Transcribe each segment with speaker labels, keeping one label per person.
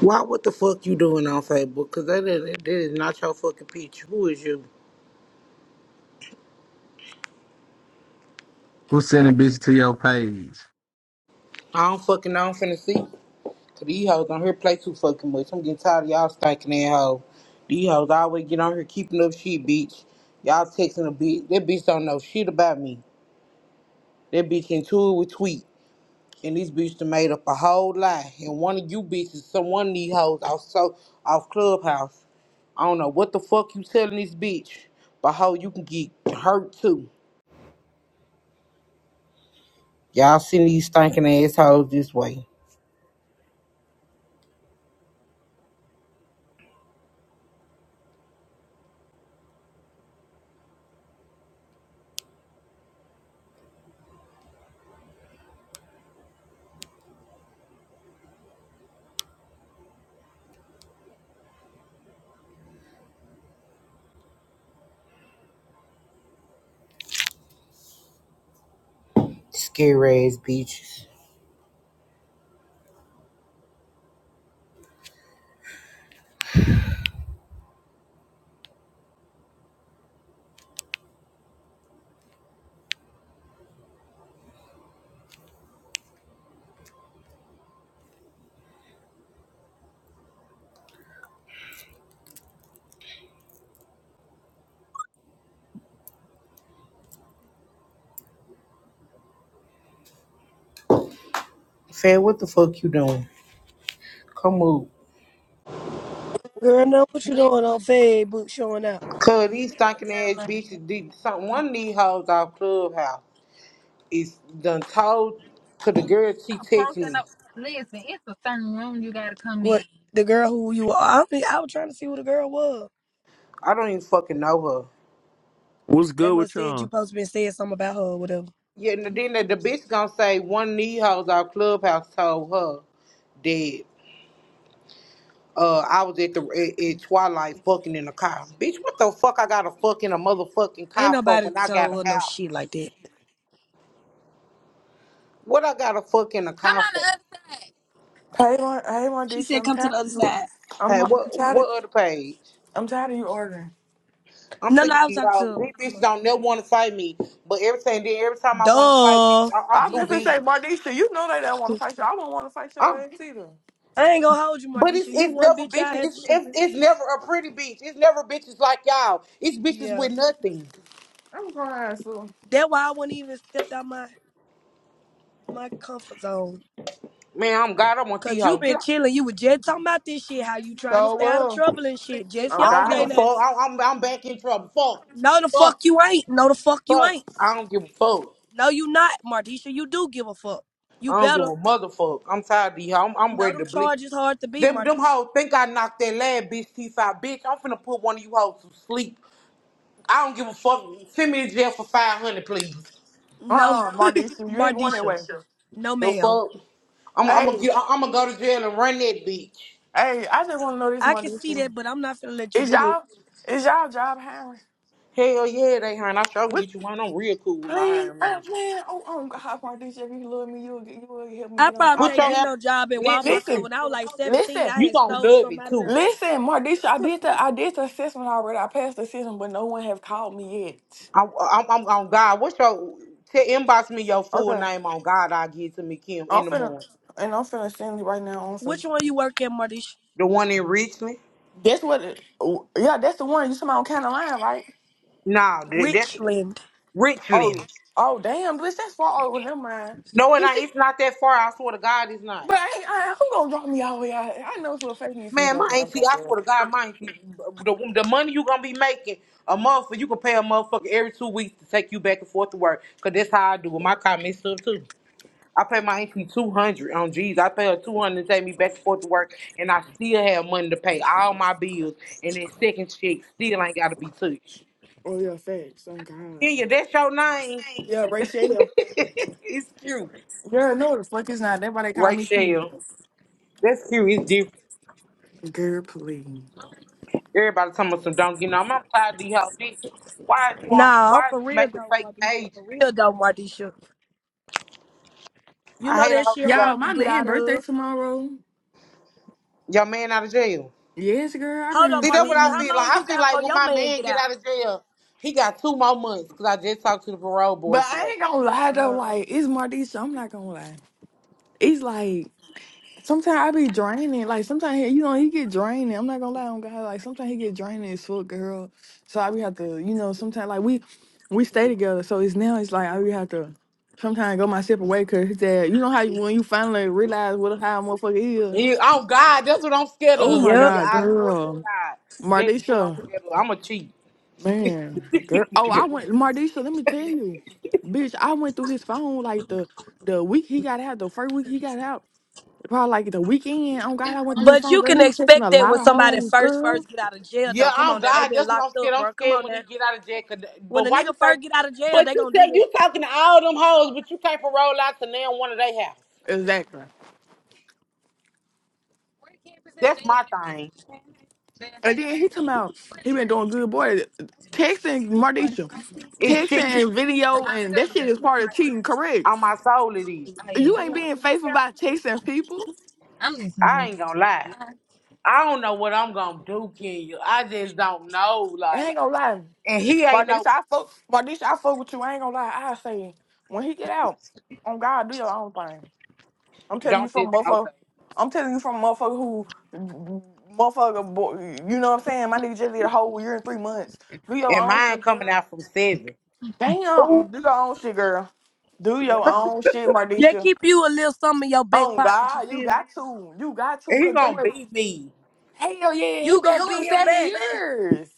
Speaker 1: Why what the fuck you doing on Facebook? Cause that is, that is not your fucking picture. Who is you?
Speaker 2: Who's sending bitches to your page?
Speaker 1: I don't fucking know. I'm finna see. 'Cause these hoes on here play too fucking much. I'm getting tired of y'all stinking that hoe. These hoes always get on here keeping up shit, bitch. Y'all texting a bitch. That bitch don't know shit about me. That bitch into it with tweet. And this bitch done made up a whole lie. And one of you bitches, some one of these hoes off so off Clubhouse. I don't know what the fuck you telling this bitch, but how you can get hurt too. Y'all send these stinking assholes this way. Scary ass bitches. Fed, what the fuck you doing? Come on.
Speaker 3: Girl, know what you doing on Facebook showing out?
Speaker 1: Cause these stinking ass bitches did something. One of these hoes off Clubhouse is done told to the girl she text me.
Speaker 3: what, in. the girl who you are? I, don't think- I was trying to see who the girl was.
Speaker 1: I don't even fucking know her.
Speaker 4: What's
Speaker 3: They
Speaker 4: good
Speaker 3: must
Speaker 4: with
Speaker 3: said
Speaker 4: y'all?
Speaker 3: you supposed to been saying something about her or whatever.
Speaker 1: Yeah, and then the, the bitch gonna say one of these hoes off Clubhouse told her that uh I was at the at, at Twilight fucking in a car. Bitch, what the fuck I got to fuck in a motherfucking
Speaker 3: Ain't
Speaker 1: car for
Speaker 3: nobody
Speaker 1: when I got
Speaker 3: told her
Speaker 1: a
Speaker 3: no
Speaker 1: house?
Speaker 3: shit like that.
Speaker 1: What I got a fuck in the car for?
Speaker 5: Hey, Mar- hey,
Speaker 3: She
Speaker 5: Mardisha,
Speaker 3: said
Speaker 5: I'm
Speaker 3: come to
Speaker 5: tired.
Speaker 3: the other
Speaker 5: Of you.
Speaker 3: side.
Speaker 5: I'm,
Speaker 1: Hey,
Speaker 5: h- I'm
Speaker 1: what
Speaker 5: tired. Of,
Speaker 1: what other page?
Speaker 5: I'm tired of you ordering.
Speaker 1: I'm
Speaker 3: No,
Speaker 1: sick
Speaker 3: no,
Speaker 1: of
Speaker 3: I was
Speaker 1: these
Speaker 3: talking
Speaker 1: y'all.
Speaker 3: to
Speaker 1: These
Speaker 3: my,
Speaker 1: bitches don't never want to fight me, but everything then every time I want to fight, bitch,
Speaker 3: duh.
Speaker 1: I, I'm
Speaker 5: I'm
Speaker 1: too
Speaker 5: just gonna say,
Speaker 1: big.
Speaker 5: Mardisha, you know they don't want to fight you. I don't want to fight your
Speaker 1: I'm,
Speaker 5: ass either.
Speaker 3: I ain't gonna hold you,
Speaker 1: but it's
Speaker 3: Mardisha. You
Speaker 1: it's
Speaker 3: one
Speaker 1: never
Speaker 3: bitch I
Speaker 1: bitches.
Speaker 3: had to
Speaker 1: It's,
Speaker 3: shoot.
Speaker 1: it's it's never a pretty bitch. It's never bitches like y'all. It's bitches
Speaker 3: Yeah,
Speaker 1: with nothing.
Speaker 5: I'm going to ask you.
Speaker 3: that's why I wouldn't even stepped out my my comfort zone.
Speaker 1: Man, I'm God. I want these
Speaker 3: Cause you
Speaker 1: hoes. Get
Speaker 3: been
Speaker 1: out.
Speaker 3: chilling. You were just talking about this shit. How you trying to
Speaker 5: So
Speaker 3: stay out of
Speaker 5: well.
Speaker 3: trouble and shit. Just
Speaker 5: Oh
Speaker 1: I don't give
Speaker 3: yesterday
Speaker 1: a
Speaker 5: God.
Speaker 3: now.
Speaker 1: fuck. I, I'm I'm back in trouble. Fuck,
Speaker 3: No, the fuck
Speaker 1: fuck,
Speaker 3: you ain't. No, the fuck you
Speaker 1: fuck.
Speaker 3: ain't.
Speaker 1: I don't give a fuck.
Speaker 3: No, you not, Mardisha. You do give a fuck. You
Speaker 1: I don't give
Speaker 3: better.
Speaker 1: a motherfucker. I'm tired of y'all. I'm, I'm
Speaker 3: You know
Speaker 1: ready to
Speaker 3: them
Speaker 1: bleed.
Speaker 3: charges hard to beat,
Speaker 1: Them them
Speaker 3: Mardisha.
Speaker 1: hoes think I knocked that lad bitch teeth out. Bitch, I'm finna put one of you hoes to sleep. I don't give a fuck. Send me to jail for five hundred, please.
Speaker 5: Uh
Speaker 3: No,
Speaker 5: uh Mardisha, you ain't going that
Speaker 3: Mardisha.
Speaker 5: way.
Speaker 3: No,
Speaker 1: The
Speaker 3: ma'am.
Speaker 1: fuck? I'm I'm
Speaker 5: Hey,
Speaker 1: gonna get I'm gonna go to jail and run that bitch.
Speaker 5: hey, I just want to know this,
Speaker 3: I can see
Speaker 5: Mardisha.
Speaker 3: that, but I'm not finna let you
Speaker 5: Is
Speaker 3: do that.
Speaker 5: y'all is y'all job hiring?
Speaker 1: Hell yeah, they hiring. I sure can
Speaker 5: What?
Speaker 1: get you one. I'm real cool with my
Speaker 5: Please,
Speaker 1: hiring
Speaker 5: oh,
Speaker 1: manager.
Speaker 5: man. Oh, oh God, Mardisha, if you love me, you'll get you will help me
Speaker 3: I
Speaker 5: get on.
Speaker 3: probably
Speaker 5: I,
Speaker 1: Put
Speaker 3: can't
Speaker 1: your
Speaker 3: get
Speaker 1: app.
Speaker 3: no job at
Speaker 1: Listen,
Speaker 3: Walmart 'cause
Speaker 5: listen,
Speaker 3: when I was like
Speaker 5: listen.
Speaker 3: 17, I
Speaker 1: you
Speaker 3: had
Speaker 1: gonna
Speaker 3: stole
Speaker 1: love it
Speaker 3: something out of
Speaker 1: too.
Speaker 3: there.
Speaker 5: Listen, Mardisha, I did the I did the assessment already. I passed the assessment, but no one have called me yet.
Speaker 1: I'm I'm, I'm on God. What's your? Te- inbox me your full
Speaker 5: Okay,
Speaker 1: name on God. I'll get it to me Kim
Speaker 5: I'm
Speaker 1: in the
Speaker 5: finna
Speaker 1: morning.
Speaker 5: and I'm finna send you right now on
Speaker 3: Which
Speaker 5: Facebook.
Speaker 3: one you work at, Mardisha?
Speaker 1: The one in Richmond.
Speaker 5: That's what. It, oh, yeah, that's the one you talking about kind of Line, right?
Speaker 1: No, th- that's
Speaker 3: Richland.
Speaker 1: Richland.
Speaker 5: Oh, oh, damn, bitch, that's far over. Never mind.
Speaker 1: No, it
Speaker 5: Can she?
Speaker 1: ain't. It's not that far. I swear to God, it's not.
Speaker 5: But I, ain't- I, who gonna drop me all the way out? here? I know for a fact you finna
Speaker 1: Man, my
Speaker 5: drop me out
Speaker 1: auntie, I
Speaker 5: there.
Speaker 1: swear to God, my auntie, the, the money you gonna be making a month, you can pay a motherfucker every two weeks to take you back and forth to work. Cause that's how I do with my car messed up too. I pay my auntie two hundred on G's. I pay her two hundred to take me back and forth to work, and I still have money to pay all my bills. And that second check still ain't gotta be touched.
Speaker 5: Oh yeah, facts. Some kind.
Speaker 1: Kenya, that's your name.
Speaker 5: Yeah, Rachel.
Speaker 1: it's cute.
Speaker 5: Yeah, no, the fuck is not. That's why they call me. too.
Speaker 1: Rachel. That's cute. It's different.
Speaker 5: Girl, please.
Speaker 1: Everybody talking about some donkey. You know, I'm tired of these whole bitch. Why is you on?
Speaker 3: Nah, I'm
Speaker 1: Why is
Speaker 3: for
Speaker 1: you
Speaker 3: real
Speaker 1: making
Speaker 3: though,
Speaker 1: fake
Speaker 3: Mardisha.
Speaker 1: pages?
Speaker 3: For real though, Mardisha. You
Speaker 1: I
Speaker 3: know
Speaker 1: hate a
Speaker 3: that
Speaker 1: hoe
Speaker 3: shit
Speaker 1: that got
Speaker 5: Y'all,
Speaker 3: hard to
Speaker 5: my
Speaker 3: get
Speaker 5: man
Speaker 3: out
Speaker 5: birthday
Speaker 3: of.
Speaker 5: tomorrow.
Speaker 1: your man out of jail.
Speaker 5: Yes, girl, I've
Speaker 3: Hold up,
Speaker 5: been
Speaker 1: See, that's what
Speaker 3: Mardisha.
Speaker 1: I
Speaker 3: How
Speaker 5: fucking.
Speaker 1: feel like.
Speaker 3: long
Speaker 1: I
Speaker 3: you
Speaker 1: feel
Speaker 3: got
Speaker 1: like
Speaker 3: for
Speaker 1: when
Speaker 3: your
Speaker 1: my
Speaker 3: man
Speaker 1: man
Speaker 3: get
Speaker 1: get
Speaker 3: out?
Speaker 1: out of jail, he got two more months. Cause I just talked to the parole
Speaker 5: But
Speaker 1: board
Speaker 5: I
Speaker 1: today.
Speaker 5: ain't gonna lie though,
Speaker 3: Uh-huh.
Speaker 5: like it's Mardisha. I'm not gonna lie. It's like sometimes I be draining. Like sometimes he, you know he get draining. I'm not gonna lie on God. Like sometimes he get draining as fuck, girl. So I be have to, you know, sometimes like we we stay together. So it's now it's like I be have to sometimes go my separate way because that you know how you, when you finally realize what a high
Speaker 1: And
Speaker 5: motherfucker is.
Speaker 1: oh God, that's what I'm scared
Speaker 5: Oh
Speaker 1: of.
Speaker 5: my
Speaker 1: In
Speaker 3: Yep.
Speaker 1: your
Speaker 5: God,
Speaker 1: eyes, swear to
Speaker 5: girl,
Speaker 1: God? That's what I'm
Speaker 5: Mardisha.
Speaker 1: scared of. I'm a cheat.
Speaker 5: Man, girl. Oh, I went Mardisha, let me tell you. Bitch, I went through his phone like the the week he got out, the first week he got out, probably like the weekend. Oh God, I went through his
Speaker 3: But
Speaker 5: phone,
Speaker 3: you
Speaker 5: girl. He
Speaker 3: can
Speaker 5: was texting
Speaker 3: expect
Speaker 5: a
Speaker 3: that
Speaker 5: lot
Speaker 3: when
Speaker 5: of
Speaker 3: somebody
Speaker 5: hoes,
Speaker 3: first
Speaker 5: girl.
Speaker 3: first get out of jail
Speaker 1: Yeah,
Speaker 3: though. Come
Speaker 1: oh
Speaker 3: on now, they
Speaker 1: God,
Speaker 3: been
Speaker 1: that's what I'm
Speaker 3: locked
Speaker 1: scared.
Speaker 3: up,
Speaker 1: I'm
Speaker 3: bro. Come
Speaker 1: scared
Speaker 3: on
Speaker 1: when
Speaker 3: now.
Speaker 1: he get out of jail. 'cause- But
Speaker 3: When a
Speaker 1: why you
Speaker 3: nigga
Speaker 1: say?
Speaker 3: first get out of jail,
Speaker 1: But
Speaker 3: they
Speaker 1: you
Speaker 3: gonna do
Speaker 1: said
Speaker 3: that.
Speaker 1: you talking to all them hoes, but you can't parole out to now one of their house.
Speaker 5: Exactly.
Speaker 1: That's my thing.
Speaker 5: And then he come out, he been doing good boy texting Mardisha,
Speaker 1: It's
Speaker 5: texting
Speaker 1: cheap
Speaker 5: and video, and that shit is part of cheating, correct?
Speaker 1: on my soul. It is.
Speaker 5: You ain't being faithful by texting people.
Speaker 1: I ain't gonna lie. I don't know what I'm gonna do, Kenya. I just don't know.
Speaker 5: I
Speaker 1: Like,
Speaker 5: ain't gonna lie.
Speaker 1: and he ain't no.
Speaker 5: Mardisha, I fuck, Mardisha, I fuck with you. I ain't gonna lie. I say it. when he get out, on God, do your own thing. I'm telling you
Speaker 1: Don't
Speaker 5: from a
Speaker 1: just
Speaker 5: motherfucker.
Speaker 1: okay.
Speaker 5: I'm telling you from a motherfucker who, motherfucker, boy, you know what I'm saying? My nigga just did a whole year and three months. Do your
Speaker 1: And
Speaker 5: own
Speaker 1: mine
Speaker 5: shit,
Speaker 1: coming
Speaker 5: girl.
Speaker 1: out from seven.
Speaker 5: Damn, do your own shit, girl. Do your own shit,
Speaker 3: They
Speaker 5: Mardisha.
Speaker 3: keep you a little something in your back
Speaker 5: On
Speaker 3: pocket. You
Speaker 5: God, you
Speaker 3: feel me?
Speaker 5: got to. You got to.
Speaker 1: And he
Speaker 5: Cause that
Speaker 1: gonna
Speaker 5: was,
Speaker 1: beat me.
Speaker 5: hell yeah, he
Speaker 3: You
Speaker 5: been
Speaker 3: gonna
Speaker 5: home
Speaker 3: beat him
Speaker 5: seven
Speaker 3: back,
Speaker 5: years.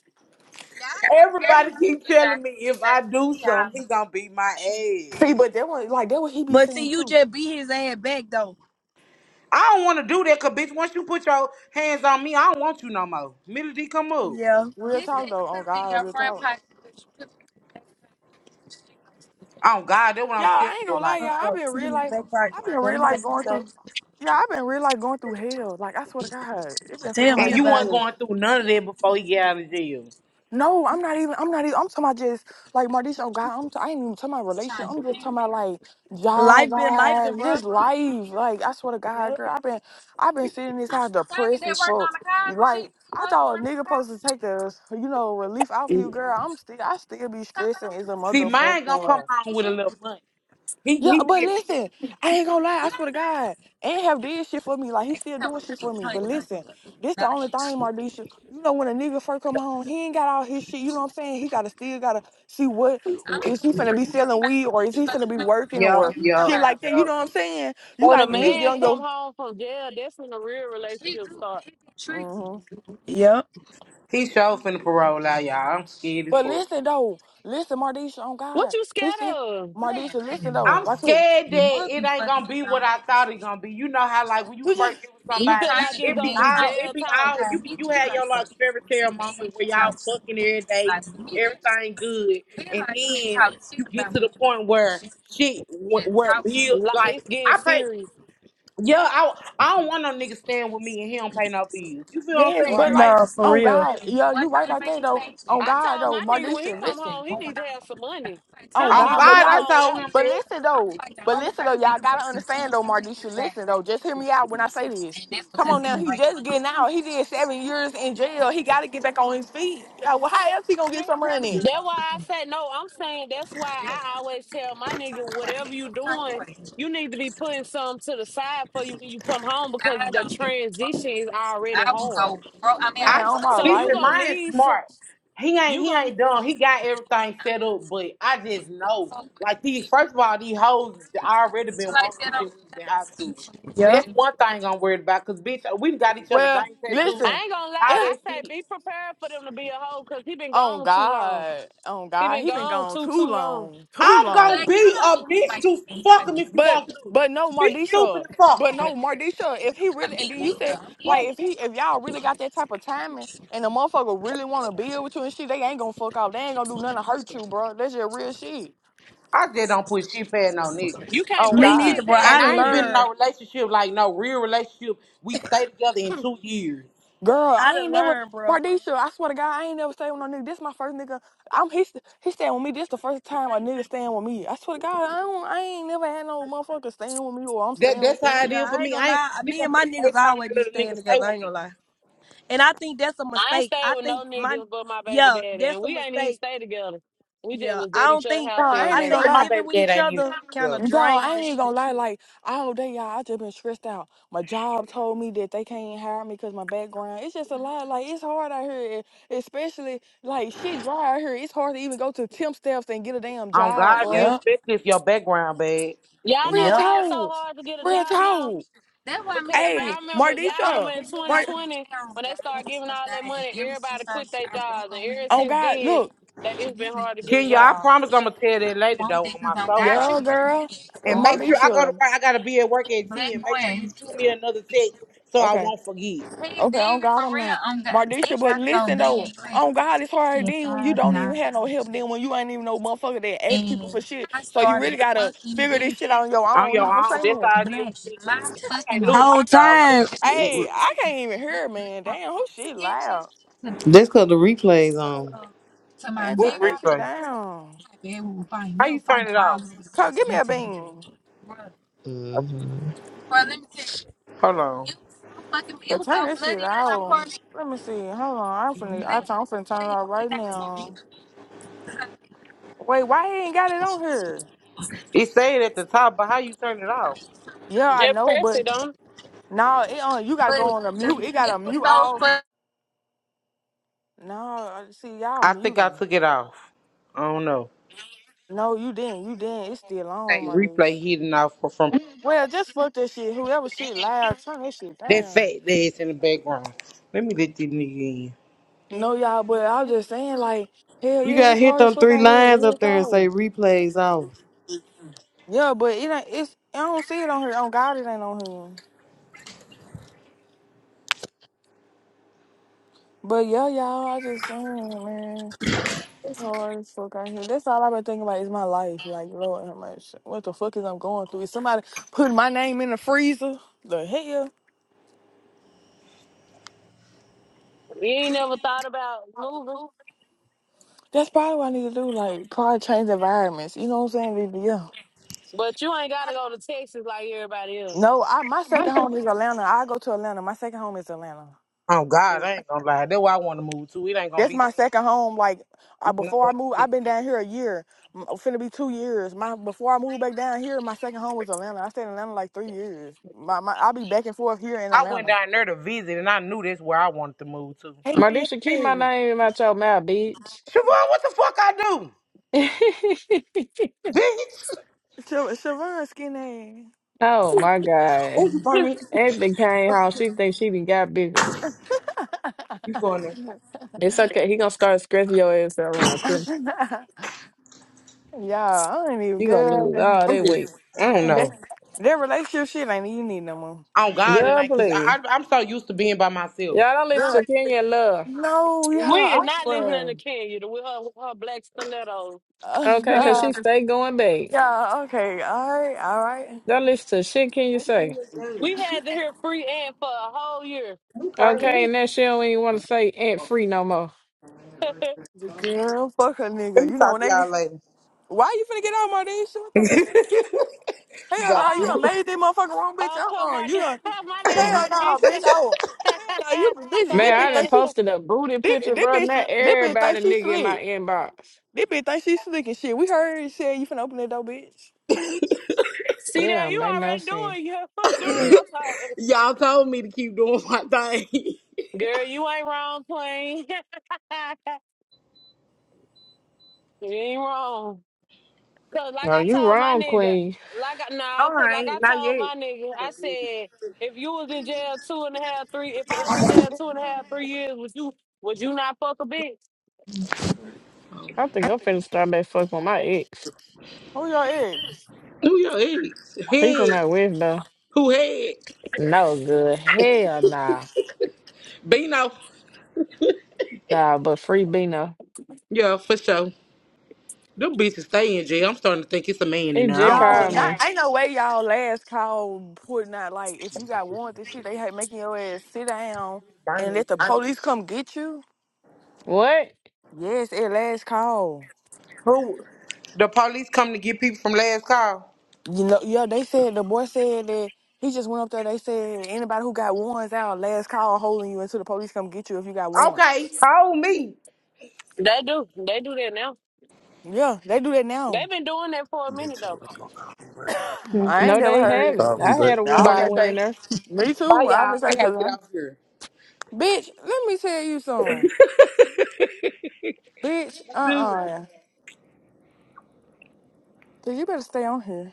Speaker 1: Everybody keep telling me if I do something, he gonna beat my ass.
Speaker 5: See, but that was like, that what he be
Speaker 3: but see,
Speaker 5: saying
Speaker 3: you
Speaker 5: too.
Speaker 3: just beat his ass back though.
Speaker 1: I don't want to do that, cause bitch, once you put your hands on me, I don't want you no more. Melody, come up.
Speaker 3: Yeah.
Speaker 5: Real talk though, on God, real talk.
Speaker 1: Oh God, that's what I'm
Speaker 5: Yeah,
Speaker 1: scared
Speaker 5: I ain't
Speaker 1: of.
Speaker 5: gonna lie,
Speaker 1: Like,
Speaker 3: Uh
Speaker 5: y'all. I've
Speaker 3: uh
Speaker 5: been
Speaker 3: Keep it
Speaker 5: real
Speaker 3: in your
Speaker 5: life.
Speaker 3: back
Speaker 5: I've been
Speaker 3: pocket.
Speaker 5: real
Speaker 3: Don't nobody
Speaker 5: life going
Speaker 3: know.
Speaker 5: through. Yeah, I've been real life going through hell. Like I swear to God, it been feeling
Speaker 3: Tell me
Speaker 5: like
Speaker 1: and you
Speaker 5: I'm
Speaker 3: about
Speaker 1: weren't
Speaker 5: just.
Speaker 3: it.
Speaker 1: going through none of that before he got out of jail.
Speaker 5: No, I'm not even. I'm not even. I'm talking about just like Mardisha. Oh God, I'm. T- I ain't even talking about relationship. I'm just talking about like job
Speaker 3: Life been life,
Speaker 5: wise,
Speaker 3: bro.
Speaker 5: just life. Like I swear to God,
Speaker 3: Yep.
Speaker 5: girl, I've been. I've been sitting in this house depressed as fuck. Like I thought a nigga supposed to take the you know relief out for you, girl. I'm still. I still be stressing as a
Speaker 1: See, mine gonna come
Speaker 5: motherfucker.
Speaker 1: home with a little money. He
Speaker 5: Yeah,
Speaker 1: he
Speaker 5: but
Speaker 1: did.
Speaker 5: listen, I ain't gonna lie. I swear to God, ain't have did shit for me. Like he still doing shit for me. But listen, this the only thing, Mardisha. You know when a nigga first come home, he ain't got all his shit. You know what I'm saying? He gotta still gotta see what is he finna be selling weed or is he finna be working
Speaker 1: Yo,
Speaker 5: or
Speaker 1: yo,
Speaker 5: shit like that. You
Speaker 1: yo.
Speaker 5: know what I'm saying? You
Speaker 6: When a
Speaker 5: gotta at least get
Speaker 6: man
Speaker 5: on
Speaker 6: come
Speaker 5: your.
Speaker 6: home from jail, that's when the real relationship start.
Speaker 5: hmm
Speaker 3: Yep.
Speaker 1: He sure finna parole out, y'all. I'm scared as
Speaker 5: But
Speaker 1: fuck.
Speaker 5: listen though, listen, Mardisha. On
Speaker 6: What
Speaker 5: God,
Speaker 6: you
Speaker 5: he still
Speaker 6: scared of?
Speaker 5: Mardisha. Listen though,
Speaker 1: I'm
Speaker 5: right quick.
Speaker 1: scared that it ain't gonna be what I thought it gonna be. You know how like when you
Speaker 5: You
Speaker 1: first
Speaker 5: just
Speaker 1: get with
Speaker 6: You
Speaker 1: somebody,
Speaker 6: feel like it's
Speaker 1: it be
Speaker 6: gonna be
Speaker 1: all it
Speaker 6: jail
Speaker 1: be
Speaker 6: talk?
Speaker 1: all you be you had your like fairy tale moment where y'all fucking every day, everything good, and then you get to the point where shit wh- where bill
Speaker 6: Like
Speaker 1: like
Speaker 6: it's getting
Speaker 1: I pay
Speaker 6: serious,
Speaker 1: yeah, I I don't want no nigga staying with me and he don't pay no bills. You feel what I'm
Speaker 5: yes,
Speaker 1: saying?
Speaker 5: but
Speaker 6: right?
Speaker 5: like
Speaker 3: Nah, for
Speaker 5: on
Speaker 3: real.
Speaker 5: God, yeah, you right about that though. On
Speaker 6: I
Speaker 5: God
Speaker 6: told
Speaker 5: though,
Speaker 6: my nigga when he
Speaker 5: Mardisha.
Speaker 6: come
Speaker 5: Listen.
Speaker 6: home, he need to have some money. He
Speaker 5: Oh
Speaker 6: don't
Speaker 1: Oh
Speaker 6: need
Speaker 5: God,
Speaker 6: to
Speaker 5: but
Speaker 1: God,
Speaker 6: come
Speaker 1: I
Speaker 5: y'all,
Speaker 6: home
Speaker 1: told
Speaker 6: without.
Speaker 1: him
Speaker 5: but
Speaker 1: that.
Speaker 5: listen though, but listen though, y'all gotta understand though, Mardisha. Listen though, just hear me out when I say this. Come on now, he just getting out. He did seven years in jail. He got to get back on his feet. Yeah, well, how else he gonna get some money?
Speaker 6: That's why I said no. I'm saying that's why I always tell my nigga whatever you doing, you need to be putting some to the side for you when you come home because the transition is already hard.
Speaker 5: Man,
Speaker 1: I
Speaker 5: all my
Speaker 6: So you
Speaker 5: life.
Speaker 1: listen,
Speaker 6: gonna
Speaker 1: mine's
Speaker 6: need some.
Speaker 1: smart. He ain't
Speaker 6: You
Speaker 1: he
Speaker 6: gonna
Speaker 1: ain't dumb. He got everything set up, but I just know. Like these first of all, these hoes already been wanting us since we was in high school.
Speaker 3: Yep.
Speaker 1: That's one thing I'm worried about, cause bitch, we got each other
Speaker 5: Well,
Speaker 1: name tattoos,
Speaker 5: listen,
Speaker 6: I ain't gonna lie.
Speaker 1: all
Speaker 5: yeah.
Speaker 6: I
Speaker 1: that
Speaker 6: say
Speaker 1: shit.
Speaker 6: be prepared for them to be a hoe because he been
Speaker 5: Oh
Speaker 6: gone too long.
Speaker 5: God, oh
Speaker 6: He
Speaker 5: God,
Speaker 6: been
Speaker 5: he been
Speaker 6: gone
Speaker 5: gone
Speaker 6: too
Speaker 5: too
Speaker 6: too long.
Speaker 5: long, too
Speaker 1: I'm gonna
Speaker 5: long.
Speaker 1: be a bitch to fuck him if you
Speaker 5: But
Speaker 1: want to.
Speaker 5: but no
Speaker 1: Be stupid
Speaker 5: Mardisha.
Speaker 1: and fuck
Speaker 5: But
Speaker 1: him.
Speaker 5: no Mardisha, if he really and then you said like if he if y'all really got that type of timing and the motherfucker really wanna build with you and shit, they ain't gonna fuck off. They ain't gonna do nothing to hurt you, bro. That's your real shit.
Speaker 1: I just don't put shit past no nigga.
Speaker 6: You can't
Speaker 5: Oh
Speaker 3: Me
Speaker 6: put
Speaker 5: God.
Speaker 3: neither,
Speaker 6: shit
Speaker 3: bro.
Speaker 1: And
Speaker 3: I
Speaker 6: past
Speaker 3: done
Speaker 6: the
Speaker 1: I ain't been in
Speaker 6: nigga.
Speaker 1: no
Speaker 3: learned.
Speaker 1: relationship, like no real relationship. We stayed together in two years.
Speaker 5: Girl,
Speaker 3: I
Speaker 5: I
Speaker 3: done
Speaker 5: ain't never
Speaker 3: learned, bro.
Speaker 5: Mardisha, I swear to God, I ain't never stayed with no nigga. This my first nigga. I'm he, st- he staying with me. This the first time a nigga staying with me. I swear to God, I don't I ain't never had no motherfucker staying with me or I'm
Speaker 1: That
Speaker 5: staying
Speaker 1: that's
Speaker 5: with him.
Speaker 1: how it
Speaker 3: Yeah,
Speaker 1: is for
Speaker 3: I ain't
Speaker 1: me.
Speaker 3: gonna
Speaker 1: I ain't
Speaker 3: lie.
Speaker 1: this
Speaker 3: Me
Speaker 1: gonna
Speaker 3: and
Speaker 1: be
Speaker 3: my
Speaker 1: the
Speaker 3: niggas
Speaker 1: first time
Speaker 3: always
Speaker 1: my
Speaker 3: be
Speaker 1: little nigga
Speaker 3: staying
Speaker 1: stay
Speaker 3: together. I
Speaker 1: with
Speaker 3: ain't
Speaker 1: me.
Speaker 3: gonna lie. And I think that's a
Speaker 6: I ain't
Speaker 3: mistake.
Speaker 6: stayed
Speaker 3: I
Speaker 6: with
Speaker 3: think
Speaker 6: no
Speaker 3: my,
Speaker 6: niggas but my baby
Speaker 3: yeah,
Speaker 6: daddy,
Speaker 3: that's
Speaker 6: and
Speaker 3: a
Speaker 6: we ain't even
Speaker 3: mistake.
Speaker 6: stay together. We just
Speaker 3: Yeah,
Speaker 6: was
Speaker 3: I
Speaker 6: at each
Speaker 3: don't
Speaker 6: other's
Speaker 3: think.
Speaker 5: No,
Speaker 6: house
Speaker 5: I
Speaker 6: every
Speaker 5: ain't
Speaker 3: I
Speaker 5: even
Speaker 6: day.
Speaker 1: Me
Speaker 5: gonna
Speaker 3: think
Speaker 1: and
Speaker 5: lie.
Speaker 1: my
Speaker 3: living
Speaker 1: baby
Speaker 3: with
Speaker 1: dad
Speaker 3: each
Speaker 1: ain't even
Speaker 3: other kind
Speaker 1: together.
Speaker 3: of
Speaker 5: No,
Speaker 3: drain
Speaker 5: I
Speaker 3: the
Speaker 5: ain't
Speaker 3: shit.
Speaker 5: gonna lie. Like all day, y'all, I just been stressed out. My job told me that they can't hire me because my background. It's just a lot. Like it's hard out here, e- especially like shit dry out here. It's hard to even go to temp steps and get a damn
Speaker 1: Um
Speaker 5: job,
Speaker 1: God you
Speaker 5: bro.
Speaker 3: Yep.
Speaker 1: expect this your background, babe.
Speaker 6: Y'all
Speaker 5: Real
Speaker 6: know
Speaker 3: Yep.
Speaker 6: why it's so
Speaker 5: talk,
Speaker 6: hard to get a
Speaker 5: real
Speaker 6: job now?
Speaker 5: talk.
Speaker 6: Because
Speaker 5: Hey,
Speaker 6: y'all remember, y'all
Speaker 5: Mardisha,
Speaker 6: remember in
Speaker 5: Mar.
Speaker 6: 2020 when they started giving all that money, everybody quit their jobs, and ever
Speaker 5: Oh
Speaker 6: since
Speaker 5: God,
Speaker 6: then,
Speaker 5: look,
Speaker 6: that it's been hard to get a
Speaker 1: Kenya, I
Speaker 6: job.
Speaker 1: promise I'm gonna tell that later though on my soul I
Speaker 5: yeah,
Speaker 1: am.
Speaker 5: girl,
Speaker 1: And make sure I go to
Speaker 5: Mardisha.
Speaker 1: work I gotta be at work at ten. Make sure you shoot me another text so I
Speaker 5: Okay.
Speaker 1: won't forget.
Speaker 5: Okay, on God, I'm not. Mardisha, but listen though, on God, it's hard then when you don't even have no help, then when you ain't even no motherfucker that ask people for shit. So you really gotta figure this shit on your
Speaker 1: On
Speaker 5: own. You know
Speaker 1: your
Speaker 5: what
Speaker 1: own,
Speaker 5: I'm
Speaker 1: that's
Speaker 5: saying?
Speaker 1: how it is
Speaker 3: Black.
Speaker 1: for me.
Speaker 3: My
Speaker 1: I
Speaker 3: fucking
Speaker 1: can't lose my
Speaker 3: Whole
Speaker 1: job right
Speaker 3: time.
Speaker 1: now.
Speaker 5: Hey, I can't even hear, man. Damn, who shit loud?
Speaker 7: That's because the replays on.
Speaker 5: Man,
Speaker 1: What's
Speaker 5: turn that shit
Speaker 1: replay?
Speaker 5: down.
Speaker 1: How you turn it off?
Speaker 5: Come, give me a bean.
Speaker 1: Okay.
Speaker 7: hmm
Speaker 1: Hold on.
Speaker 5: But turn that shit off. Let me see. Hold on. I'm finna, I turn, I'm finna turn it off right now. Wait, why he ain't got it on here?
Speaker 1: It said at the top, but how you turn it off?
Speaker 5: Yeah, I
Speaker 6: Just
Speaker 5: know,
Speaker 6: press
Speaker 5: but
Speaker 6: it, don't.
Speaker 5: no, it on. You gotta go on a mute. It got to mute all. No, I- see y'all
Speaker 1: I think I
Speaker 5: muting.
Speaker 1: took it off. I don't know.
Speaker 5: No, you didn't. You didn't. It's still on,
Speaker 1: Hey,
Speaker 5: my dude.
Speaker 1: replay hidden off for- from
Speaker 5: Well, just fuck that shit. Whoever shit loud, turn that shit
Speaker 1: that
Speaker 5: down.
Speaker 1: fat ass in the background. Let me let this nigga in.
Speaker 5: No, y'all, but I was just saying, like, hell
Speaker 7: You
Speaker 5: yeah,
Speaker 7: gotta
Speaker 5: it's
Speaker 7: hit
Speaker 5: hard as
Speaker 7: them
Speaker 5: fuck
Speaker 7: three
Speaker 5: out here.
Speaker 7: lines
Speaker 5: Real
Speaker 7: up there and say
Speaker 5: cold.
Speaker 7: replays off.
Speaker 5: Yeah, but it ain't. It's I don't see it on here. On God, it ain't on here. But yeah, y'all, I just saying, man, it's hard as fuck out here. That's all I've been thinking about is my life. Like, Lord, how much? What the fuck is I'm going through? Is somebody putting my name in the freezer? The hell.
Speaker 6: You ain't never thought about moving.
Speaker 5: That's probably what I need to do. Like, probably change environments. You know what I'm saying? Be- Yeah.
Speaker 6: But you ain't gotta go to Texas like everybody else.
Speaker 5: No, I my second home is Atlanta. I go to Atlanta. My second home is Atlanta.
Speaker 1: Oh God,
Speaker 6: Mm.
Speaker 1: I ain't gonna lie. That's where I want to move to. It ain't gonna
Speaker 5: That's
Speaker 1: be.
Speaker 5: my second home. Like I,
Speaker 1: It's not
Speaker 5: before
Speaker 1: gonna
Speaker 5: I moved,
Speaker 1: be shit.
Speaker 5: I've been down here a year. M- oh, Finna be two years. My before I moved back down here, my second home was Atlanta. I stayed in Atlanta like three years. My, my I'll be back and forth here in
Speaker 1: I went
Speaker 5: Atlanta.
Speaker 1: down there to visit, and I knew that's where I wanted to move to.
Speaker 5: Hey,
Speaker 8: Marisha, keep my
Speaker 5: yeah.
Speaker 8: name out your mouth, bitch.
Speaker 1: Siobhan, what the fuck I do, bitch?
Speaker 5: Siobhan, Siobhan skinny.
Speaker 8: oh my
Speaker 1: Oh,
Speaker 8: God.
Speaker 1: you burn me.
Speaker 8: Anthony came home. She thinks she done got bigger.
Speaker 1: You going there?
Speaker 8: It's okay. He gonna start scratching your ass out around Christmas.
Speaker 5: Yeah, I ain't even
Speaker 8: You gonna
Speaker 5: good.
Speaker 8: lose all
Speaker 1: I'm
Speaker 8: that
Speaker 1: just.
Speaker 8: weight.
Speaker 1: I don't
Speaker 5: That,
Speaker 1: know.
Speaker 5: that relationship shit ain't even need no more.
Speaker 1: Oh God, and
Speaker 8: Good
Speaker 1: I, cause
Speaker 8: play.
Speaker 1: I, I, I'm so used to being by myself.
Speaker 8: Y'all don't
Speaker 5: Girl,
Speaker 8: listen to Kenya Love.
Speaker 5: No,
Speaker 6: we
Speaker 5: yeah, I
Speaker 6: are not living
Speaker 5: swear.
Speaker 6: in Kenya with her, with her black stilettos.
Speaker 8: Okay, because
Speaker 6: We
Speaker 5: yeah,
Speaker 8: she stay going back.
Speaker 5: yeah, okay, all right, all right.
Speaker 8: Don't listen to shit Kenya say.
Speaker 6: we had to hear free and for a whole year.
Speaker 1: i crazy.
Speaker 8: Okay,
Speaker 6: We,
Speaker 8: and that she don't even want to say ain't free no more.
Speaker 5: The girl, fuck a
Speaker 1: Let
Speaker 5: nigga.
Speaker 1: me
Speaker 5: You know
Speaker 1: talk
Speaker 5: when
Speaker 1: to
Speaker 5: they,
Speaker 1: y'all later.
Speaker 5: why you finna get out my day? Shit, what the fuck? Hell no, you
Speaker 1: Bye.
Speaker 6: oh,
Speaker 5: done made this motherfucker wrong, bitch.
Speaker 6: oh,
Speaker 5: Uh
Speaker 6: come
Speaker 5: uh
Speaker 6: on,
Speaker 5: you
Speaker 6: my
Speaker 5: done.
Speaker 6: man,
Speaker 5: Hell no,
Speaker 6: Mardeisha.
Speaker 5: bitch. Oh, hell no, you bitch.
Speaker 6: my
Speaker 5: This
Speaker 8: Man, I
Speaker 5: bitch
Speaker 8: done
Speaker 5: think
Speaker 6: bad.
Speaker 5: she,
Speaker 8: posted a booty
Speaker 5: this,
Speaker 8: picture,
Speaker 5: this
Speaker 8: bro.
Speaker 5: bitch,
Speaker 8: Not
Speaker 5: this bitch think
Speaker 8: everybody
Speaker 5: she
Speaker 8: nigga in my
Speaker 5: slick.
Speaker 8: inbox.
Speaker 5: This bitch think she slick and shit. We heard you said you finna open that door, bitch.
Speaker 6: See
Speaker 8: That
Speaker 6: there,
Speaker 8: don't
Speaker 6: you
Speaker 8: make no
Speaker 6: already
Speaker 8: sense.
Speaker 6: doing your doing your time, girl. You ain't wrong, Queen. you ain't wrong. Cause like
Speaker 8: No,
Speaker 6: I
Speaker 8: you
Speaker 6: told my
Speaker 8: wrong,
Speaker 6: nigga,
Speaker 8: Queen.
Speaker 6: like I no, cause
Speaker 1: Alright,
Speaker 6: like I
Speaker 1: Not
Speaker 6: told
Speaker 1: yet.
Speaker 6: my nigga, I said if you was in jail two and a half, three, if I was in jail two and a half, three years, would you would you not fuck a bitch?
Speaker 8: I think I'm finna start back fucking with my ex.
Speaker 5: Who your ex?
Speaker 1: Who your ex?
Speaker 8: He from
Speaker 1: Head.
Speaker 8: out west though.
Speaker 1: Who head?
Speaker 8: No good. Hell nah.
Speaker 1: Bino.
Speaker 8: Nah, but free Bino.
Speaker 1: Yeah, for sure. Them bitches stay in jail. I'm starting to think it's a man in
Speaker 8: He
Speaker 1: there. I
Speaker 8: just
Speaker 1: don't give a
Speaker 5: Y'all,
Speaker 8: called
Speaker 5: not
Speaker 1: damn.
Speaker 8: me.
Speaker 5: ain't no way y'all last call putting out like if you got warrants and shit, they had making your ass sit down
Speaker 1: Burn
Speaker 5: and
Speaker 1: it.
Speaker 5: let the police come get you.
Speaker 8: What?
Speaker 5: Yes, at last call.
Speaker 1: Who? The police come to get people from last call.
Speaker 5: You know, yeah, they said the boy said that he just went up there. They said anybody who got warrants out, last call holding you until the police come get you if you got
Speaker 1: Okay,
Speaker 5: warrants.
Speaker 1: hold me.
Speaker 6: They do, they do that now.
Speaker 5: Yeah, they do that now.
Speaker 6: They've been doing that for a minute though.
Speaker 5: I ain't
Speaker 8: No,
Speaker 5: never
Speaker 8: they
Speaker 5: heard it.
Speaker 8: haven't. I had a
Speaker 5: I'll
Speaker 8: warning
Speaker 1: Bye.
Speaker 5: say,
Speaker 8: went
Speaker 5: say
Speaker 8: in there.
Speaker 5: me
Speaker 1: Bye,
Speaker 5: too. I'll
Speaker 1: y'all.
Speaker 5: just
Speaker 1: I
Speaker 5: say
Speaker 1: gotta
Speaker 5: to
Speaker 1: get
Speaker 5: them,
Speaker 1: out here.
Speaker 5: bitch, let me tell you something, bitch. Uh
Speaker 1: Dude.
Speaker 5: uh Cause you better stay on here.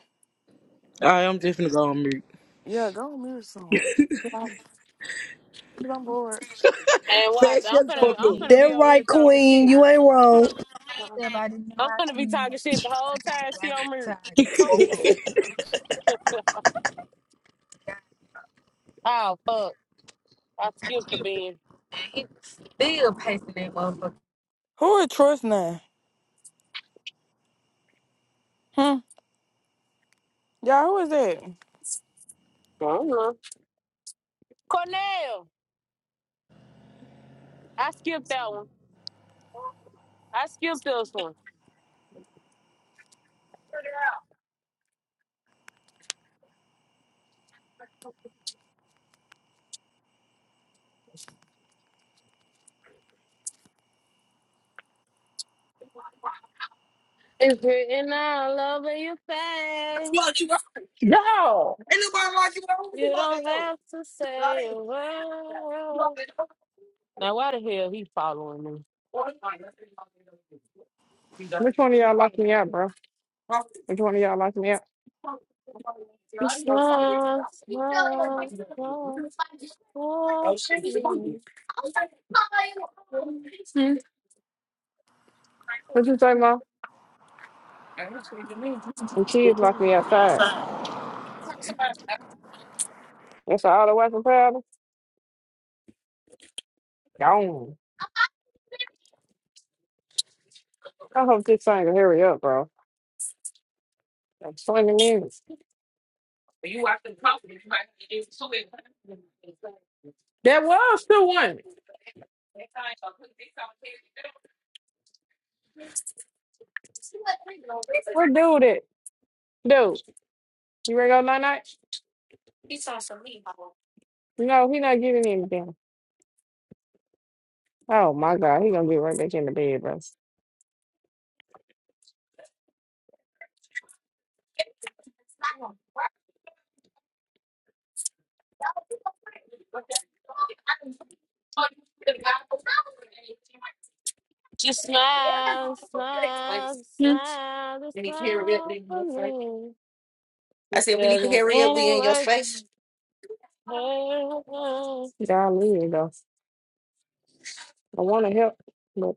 Speaker 1: All right, I'm just gonna go on mute.
Speaker 5: Yeah, go on mute or something. Cause I'm bored.
Speaker 6: And
Speaker 1: Fat,
Speaker 6: watch, I'm
Speaker 1: shut the
Speaker 6: finna
Speaker 1: fuck
Speaker 6: I'm
Speaker 1: up.
Speaker 6: finna
Speaker 3: That
Speaker 6: be over here
Speaker 3: right,
Speaker 6: talking
Speaker 3: Queen.
Speaker 6: shit.
Speaker 3: You ain't wrong.
Speaker 6: I'm finna be talking shit the whole time she on me. Oh fuck, I skipped the bean.
Speaker 5: Who is Troy's name? Hmm. Yeah, who is that?
Speaker 6: I don't know. Cornell, I skipped that one. I skipped this one. It's written all over your face.
Speaker 8: No.
Speaker 6: You don't have to say a word. Now, why the hell he following me?
Speaker 8: Which one of y'all locked me out, bro? Which one of y'all locked me out?
Speaker 6: It's smile, smile, smile, smile for me.
Speaker 8: What you say, mom? The kids locked me outside. That's all the weapon powder? Gone. I hope this thing will hurry up, bro. That's 20 minutes. That was still one. What dude it? dude. You ready to go night night? No, he not getting anything. Oh my god, he gonna get right back in the bed, bro.
Speaker 6: Just smile, smile, smile, just smile for me. This doesn't any work for
Speaker 8: Golly, though. I wanna help, but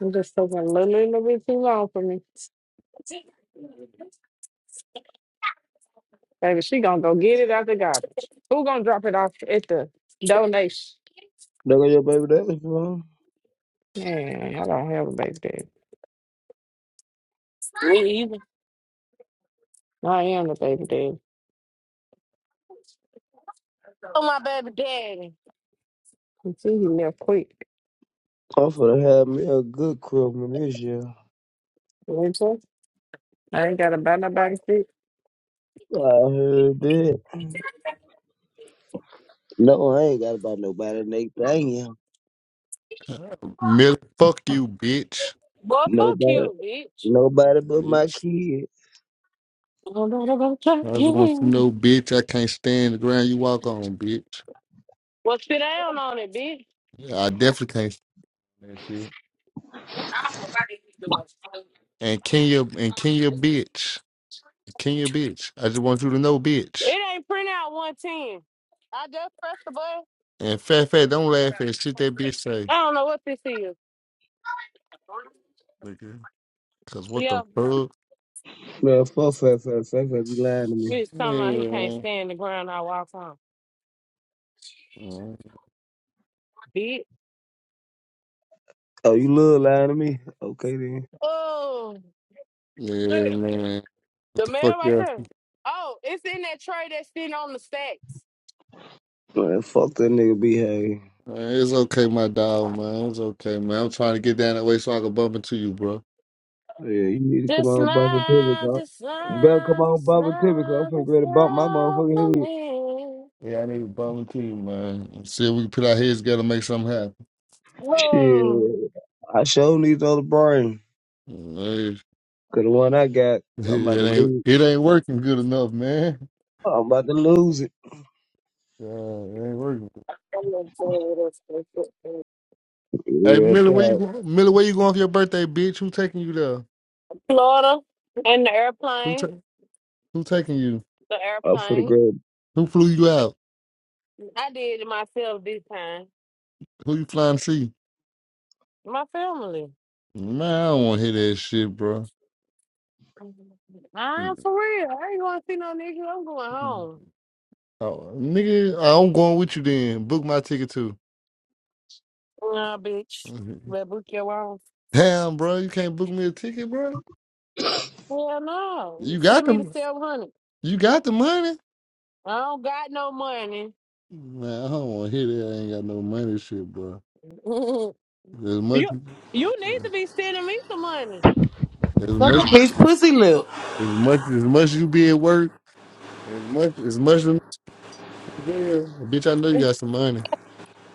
Speaker 8: I'm just taking a little, little bit too long for me. Baby, she gonna go get it out the garbage. Who gonna drop it off at the donation?
Speaker 9: Look at your baby daddy, bro.
Speaker 8: Man, I don't have a baby daddy.
Speaker 6: her. Me either.
Speaker 8: I am the baby daddy.
Speaker 6: Oh, my baby daddy.
Speaker 8: You see, he left quick.
Speaker 9: I'm finna have me a good Christmas this year.
Speaker 8: You know what I'm saying? I ain't gotta buy nobody food.
Speaker 9: I heard that. No, I ain't got about nobody next thing, yeah.
Speaker 10: Miller, fuck you, bitch.
Speaker 6: Boy, fuck
Speaker 9: Nobody,
Speaker 6: you, bitch.
Speaker 9: nobody but my
Speaker 10: Bitch.
Speaker 9: kid.
Speaker 10: I just want you to know, bitch, I can't stand the ground you walk on, bitch.
Speaker 6: Well, sit down on it, bitch?
Speaker 10: Yeah, I definitely can't stand that shit. And Kenya, and Kenya, bitch. Kenya, bitch. I just want you to know, bitch.
Speaker 6: It ain't print out 110. I just pressed the button.
Speaker 10: And Fat Fat, don't laugh at shit that bitch say.
Speaker 6: I don't know what this is.
Speaker 10: nigga. Cause what the
Speaker 6: Yeah,
Speaker 10: fuck?
Speaker 9: Man, fuck, fuck, fuck, fuck, fuck, you lying to me.
Speaker 6: bitch talking
Speaker 10: Yeah,
Speaker 6: about he can't
Speaker 10: man.
Speaker 6: stand the ground I walk on.
Speaker 10: Mm.
Speaker 6: Bitch.
Speaker 9: Oh, you little lying to me? Okay, then.
Speaker 6: Oh.
Speaker 10: Yeah, man. What
Speaker 6: The
Speaker 10: the fuck,
Speaker 6: mail right
Speaker 10: yeah?
Speaker 6: there. Oh, it's in that tray that's sitting on the stacks.
Speaker 9: Man, fuck that nigga behavior.
Speaker 10: Man, it's okay, my dog, man. It's okay, man. I'm trying to get down that way so I can bump into you, bro.
Speaker 9: Yeah, you need to come
Speaker 6: Just
Speaker 9: on, Bobby Tibbetts,
Speaker 6: smile,
Speaker 9: huh?
Speaker 6: just
Speaker 9: You better come
Speaker 6: smile,
Speaker 9: on,
Speaker 6: just
Speaker 9: Bobby Tibbetts, 'cause I'm
Speaker 6: smile,
Speaker 9: finna get
Speaker 6: just
Speaker 9: ready to bump my
Speaker 6: smile
Speaker 9: motherfucking
Speaker 6: for
Speaker 9: head.
Speaker 6: me.
Speaker 10: Yeah, I need a bum too, man. See if we can put our heads together and make something happen.
Speaker 9: Shit.
Speaker 6: Whoa.
Speaker 9: I sure need the other brain.
Speaker 10: Hey,
Speaker 9: Cause the one I got, I'm about to
Speaker 10: It ain't
Speaker 9: lose.
Speaker 10: it ain't working good enough, man.
Speaker 9: I'm about to lose it.
Speaker 10: Yeah, it ain't working.
Speaker 6: I'm gonna tell you this.
Speaker 10: Hey
Speaker 9: Real
Speaker 10: Millie, where you
Speaker 9: talk.
Speaker 10: going? Millie, where you going for your birthday, bitch? Who taking you there?
Speaker 6: Florida and the
Speaker 10: Who ta-
Speaker 6: airplane.
Speaker 10: who taking you?
Speaker 6: The
Speaker 9: Up for the
Speaker 6: airplane.
Speaker 9: great
Speaker 10: Who flew you out?
Speaker 6: I did it myself this time.
Speaker 10: Who you flying to see?
Speaker 6: My family.
Speaker 10: Man, I don't want to hear that shit, bro.
Speaker 6: I'm for real. I ain't going to see no nigga. I'm going home.
Speaker 10: Oh, nigga, I'm going with you then. Book my ticket too.
Speaker 6: Nah, bitch. Better book your own.
Speaker 10: Damn, bro, you can't book me a ticket, bro.
Speaker 6: Hell no. You
Speaker 10: You got
Speaker 6: Send me the
Speaker 10: the
Speaker 6: 700.
Speaker 10: you got the money.
Speaker 6: I don't got no money.
Speaker 10: Man, I don't want to hear that. I ain't got no money, shit, bro.
Speaker 6: you
Speaker 10: As much,
Speaker 6: you need to be sending me some money.
Speaker 10: as
Speaker 7: Suck a
Speaker 10: much,
Speaker 7: bitch pussy lip.
Speaker 10: as much, as much you be at work, as much, as much as there, bitch. I know you got some money.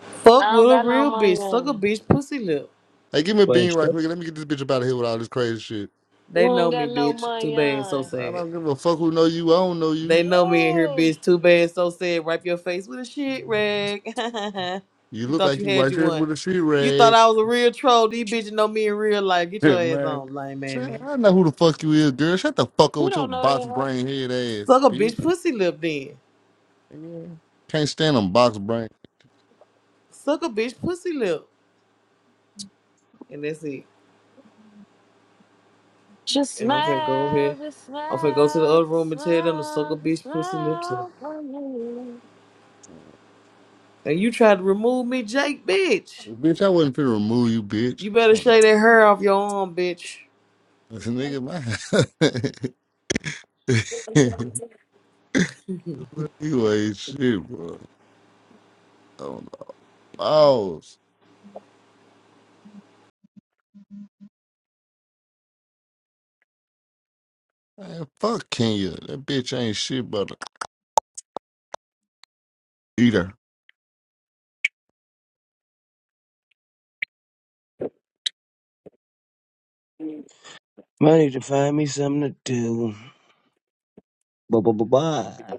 Speaker 7: Fuck
Speaker 6: I
Speaker 7: with
Speaker 6: don't
Speaker 7: a
Speaker 6: got no
Speaker 7: real
Speaker 6: money
Speaker 7: bitch. Suck a
Speaker 6: on.
Speaker 7: bitch pussy lip.
Speaker 10: Hey, give me a bean right
Speaker 9: question.
Speaker 10: quick. Let me get this bitch up out of here with all this crazy shit.
Speaker 6: You
Speaker 7: They
Speaker 6: don't
Speaker 7: know
Speaker 6: got
Speaker 7: me,
Speaker 6: no
Speaker 7: bitch. Too
Speaker 6: money
Speaker 7: bad, so
Speaker 6: on.
Speaker 10: I
Speaker 7: sad.
Speaker 10: don't give a fuck who know you. I don't know
Speaker 7: They
Speaker 10: you.
Speaker 7: know me in here,
Speaker 6: Whoa.
Speaker 7: bitch. Too bad, so sad. Wipe your face with a shit rag.
Speaker 10: You
Speaker 7: you
Speaker 10: look
Speaker 7: thought
Speaker 10: like
Speaker 7: you
Speaker 10: you
Speaker 7: had
Speaker 10: white
Speaker 7: you
Speaker 10: shirt
Speaker 7: one.
Speaker 10: with a sheet
Speaker 7: You thought
Speaker 10: rag,
Speaker 7: I was a real troll. These bitches know me in real life. Get your ass
Speaker 10: man.
Speaker 7: on, lame
Speaker 10: Shit,
Speaker 7: man.
Speaker 10: I know who the fuck you is, girl. Shut the fuck up
Speaker 6: You
Speaker 10: with your
Speaker 6: don't know
Speaker 10: box
Speaker 6: that, hoe.
Speaker 10: brain head ass,
Speaker 7: Suck a
Speaker 10: bitch.
Speaker 7: bitch pussy lip then.
Speaker 10: Yeah. Can't stand them box brain.
Speaker 7: Suck a bitch pussy lip. And that's it.
Speaker 6: Just
Speaker 7: and I'm finna go over
Speaker 6: smile,
Speaker 7: here.
Speaker 6: just
Speaker 7: I'm finna go to the
Speaker 6: smile,
Speaker 7: other
Speaker 6: just
Speaker 7: room and tell them to suck a
Speaker 6: smile, just
Speaker 7: bitch pussy lips up.
Speaker 6: smile for me.
Speaker 7: And you tried to remove me, Jake, bitch.
Speaker 10: Bitch, I wasn't finna remove you, bitch.
Speaker 7: You better shave that hair off your arm, bitch.
Speaker 10: This Nigga, man. you ain't shit, bro. On the balls. Man, fuck Kenya. That bitch ain't shit but a eater.
Speaker 9: I need to find me something to do. Bye bye bye bye.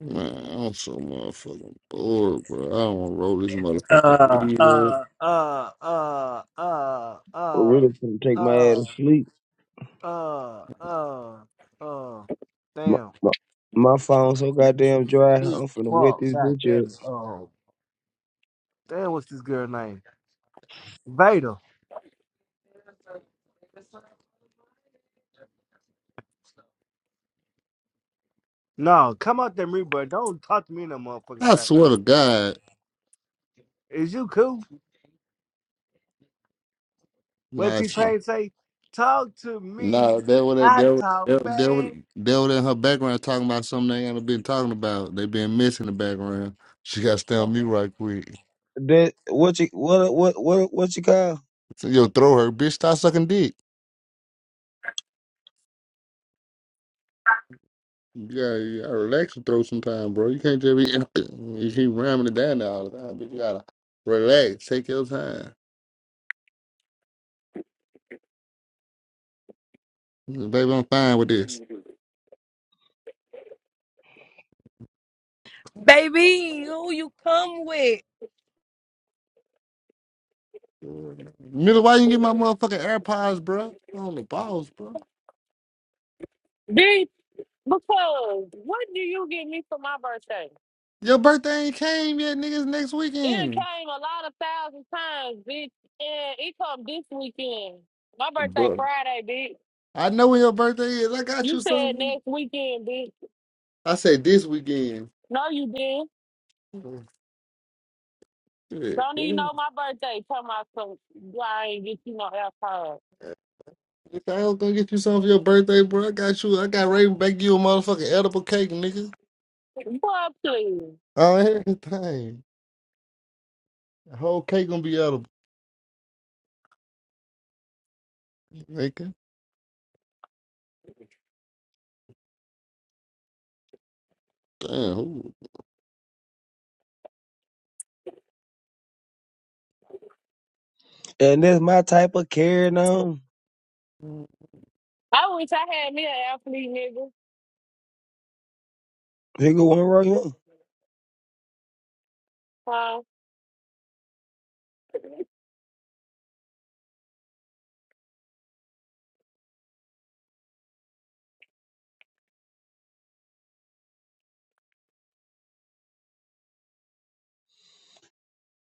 Speaker 10: Man, I'm so motherfucking bored, bro. I don't want to roll this motherfucking
Speaker 11: uh,
Speaker 10: weed up.
Speaker 11: uh, uh, uh, uh,
Speaker 9: I'm
Speaker 11: uh,
Speaker 9: really finna take my ass
Speaker 11: uh,
Speaker 9: to sleep.
Speaker 11: uh, uh, uh.
Speaker 9: My,
Speaker 11: Damn.
Speaker 9: my, my phone so goddamn dry.
Speaker 11: Shit.
Speaker 9: I'm finna wet
Speaker 11: Fuck.
Speaker 9: this
Speaker 11: God
Speaker 9: bitch
Speaker 11: damn
Speaker 9: up.
Speaker 11: it. Oh. Damn, what's this girl name? Vader. No, come out there, me, bro. Don't talk to me no motherfucking
Speaker 10: I
Speaker 11: side
Speaker 10: swear
Speaker 11: shit.
Speaker 10: to God.
Speaker 11: Is you cool? What
Speaker 10: Nah, shit.
Speaker 11: T-Pain say? Talk to me.
Speaker 10: Nah, that what that,
Speaker 11: I
Speaker 10: that,
Speaker 11: talk
Speaker 10: that, that, what-
Speaker 11: back.
Speaker 10: that what in her background talking about something they ain't been talking about. They been missing the background. She got to stay on me right quick.
Speaker 9: That what you what what what what you call?
Speaker 10: So, yo, throw her, bitch. Stop sucking dick. You gotta, you gotta relax and throw some time, bro. You can't just be you keep ramming it down there all the time. But you gotta relax, take your time. Baby, I'm fine with this.
Speaker 3: Baby, who you come with?
Speaker 10: Miller, why you get my motherfucking AirPods, bro? On the balls, bro.
Speaker 6: Be because what do you give me for my birthday?
Speaker 10: Your birthday ain't came yet, niggas. Next
Speaker 6: It done
Speaker 10: weekend,
Speaker 6: came a lot of thousand times, bitch, and it come this weekend. My birthday
Speaker 10: bro.
Speaker 6: Friday, bitch.
Speaker 10: I know when your birthday is. I got
Speaker 6: You
Speaker 10: you
Speaker 6: said
Speaker 10: something.
Speaker 6: next weekend, bitch.
Speaker 10: I said this weekend.
Speaker 6: No, you didn't.
Speaker 10: Oh, Shit,
Speaker 6: Don't even
Speaker 10: man.
Speaker 6: know my birthday. Tell my son, I ain't get you no alcohol.
Speaker 10: If I was gonna get you something for your birthday, bro, I got you. I got ready to bake you a motherfucking edible cake, nigga.
Speaker 6: Boy, please.
Speaker 10: Oh, everything. The whole cake gonna be out of making. Damn. who-
Speaker 9: And that's my type of carrying on.
Speaker 6: I wish I had me an athlete,
Speaker 9: Here go one right here.
Speaker 6: nigga.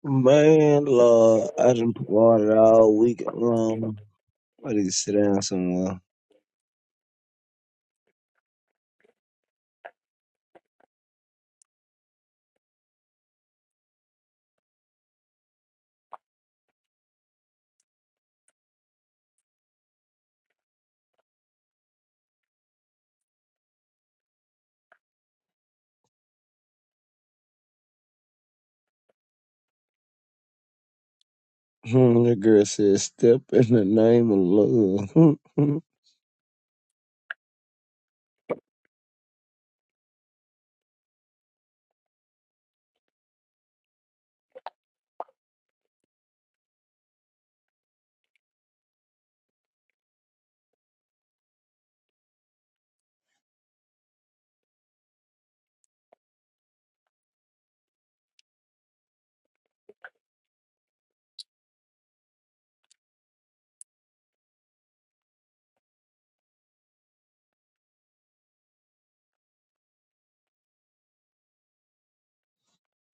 Speaker 9: Man, Lord, I done parted all week long. I need to sit down somewhere. Hmm, the girl said, "Step in the name of love." Hmm, hmm.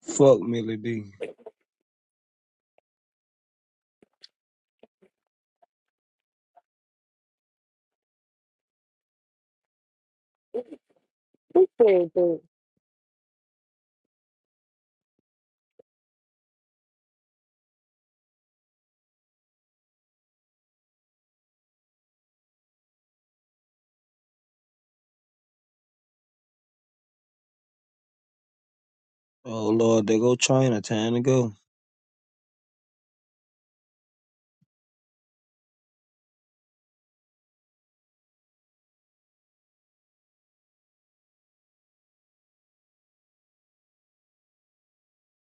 Speaker 9: fuck Millie D.
Speaker 6: Huh?
Speaker 9: Oh Lord, they go China. Time to go.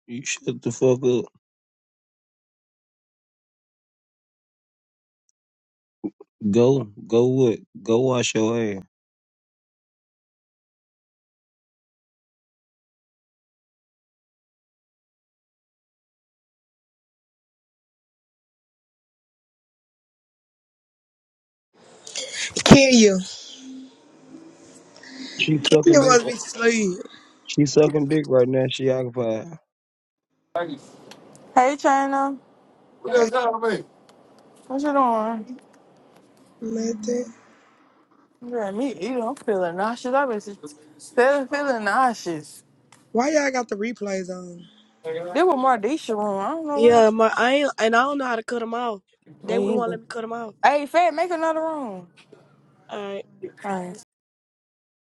Speaker 9: You shut the fuck up. Go, go what? Go wash your ass.
Speaker 12: Kenya.
Speaker 9: She sucking
Speaker 12: Kenya
Speaker 9: dick.
Speaker 12: must
Speaker 9: ri-
Speaker 12: be asleep.
Speaker 9: She sucking dick right now. She occupied.
Speaker 5: Hey, China.
Speaker 12: Hey,
Speaker 5: What's up with me? What you doing?
Speaker 12: man, that-
Speaker 5: Yeah, me eating. I'm feeling nauseous. I've been feeling, feeling nauseous.
Speaker 12: Why y'all got the replays on?
Speaker 5: This was Mardisha room. I don't know why.
Speaker 3: yeah, my I ain't, and I don't know how to cut them off. They
Speaker 5: Me
Speaker 3: wouldn't want to
Speaker 5: either.
Speaker 3: let me cut them off.
Speaker 5: Hey, Fat, make another room.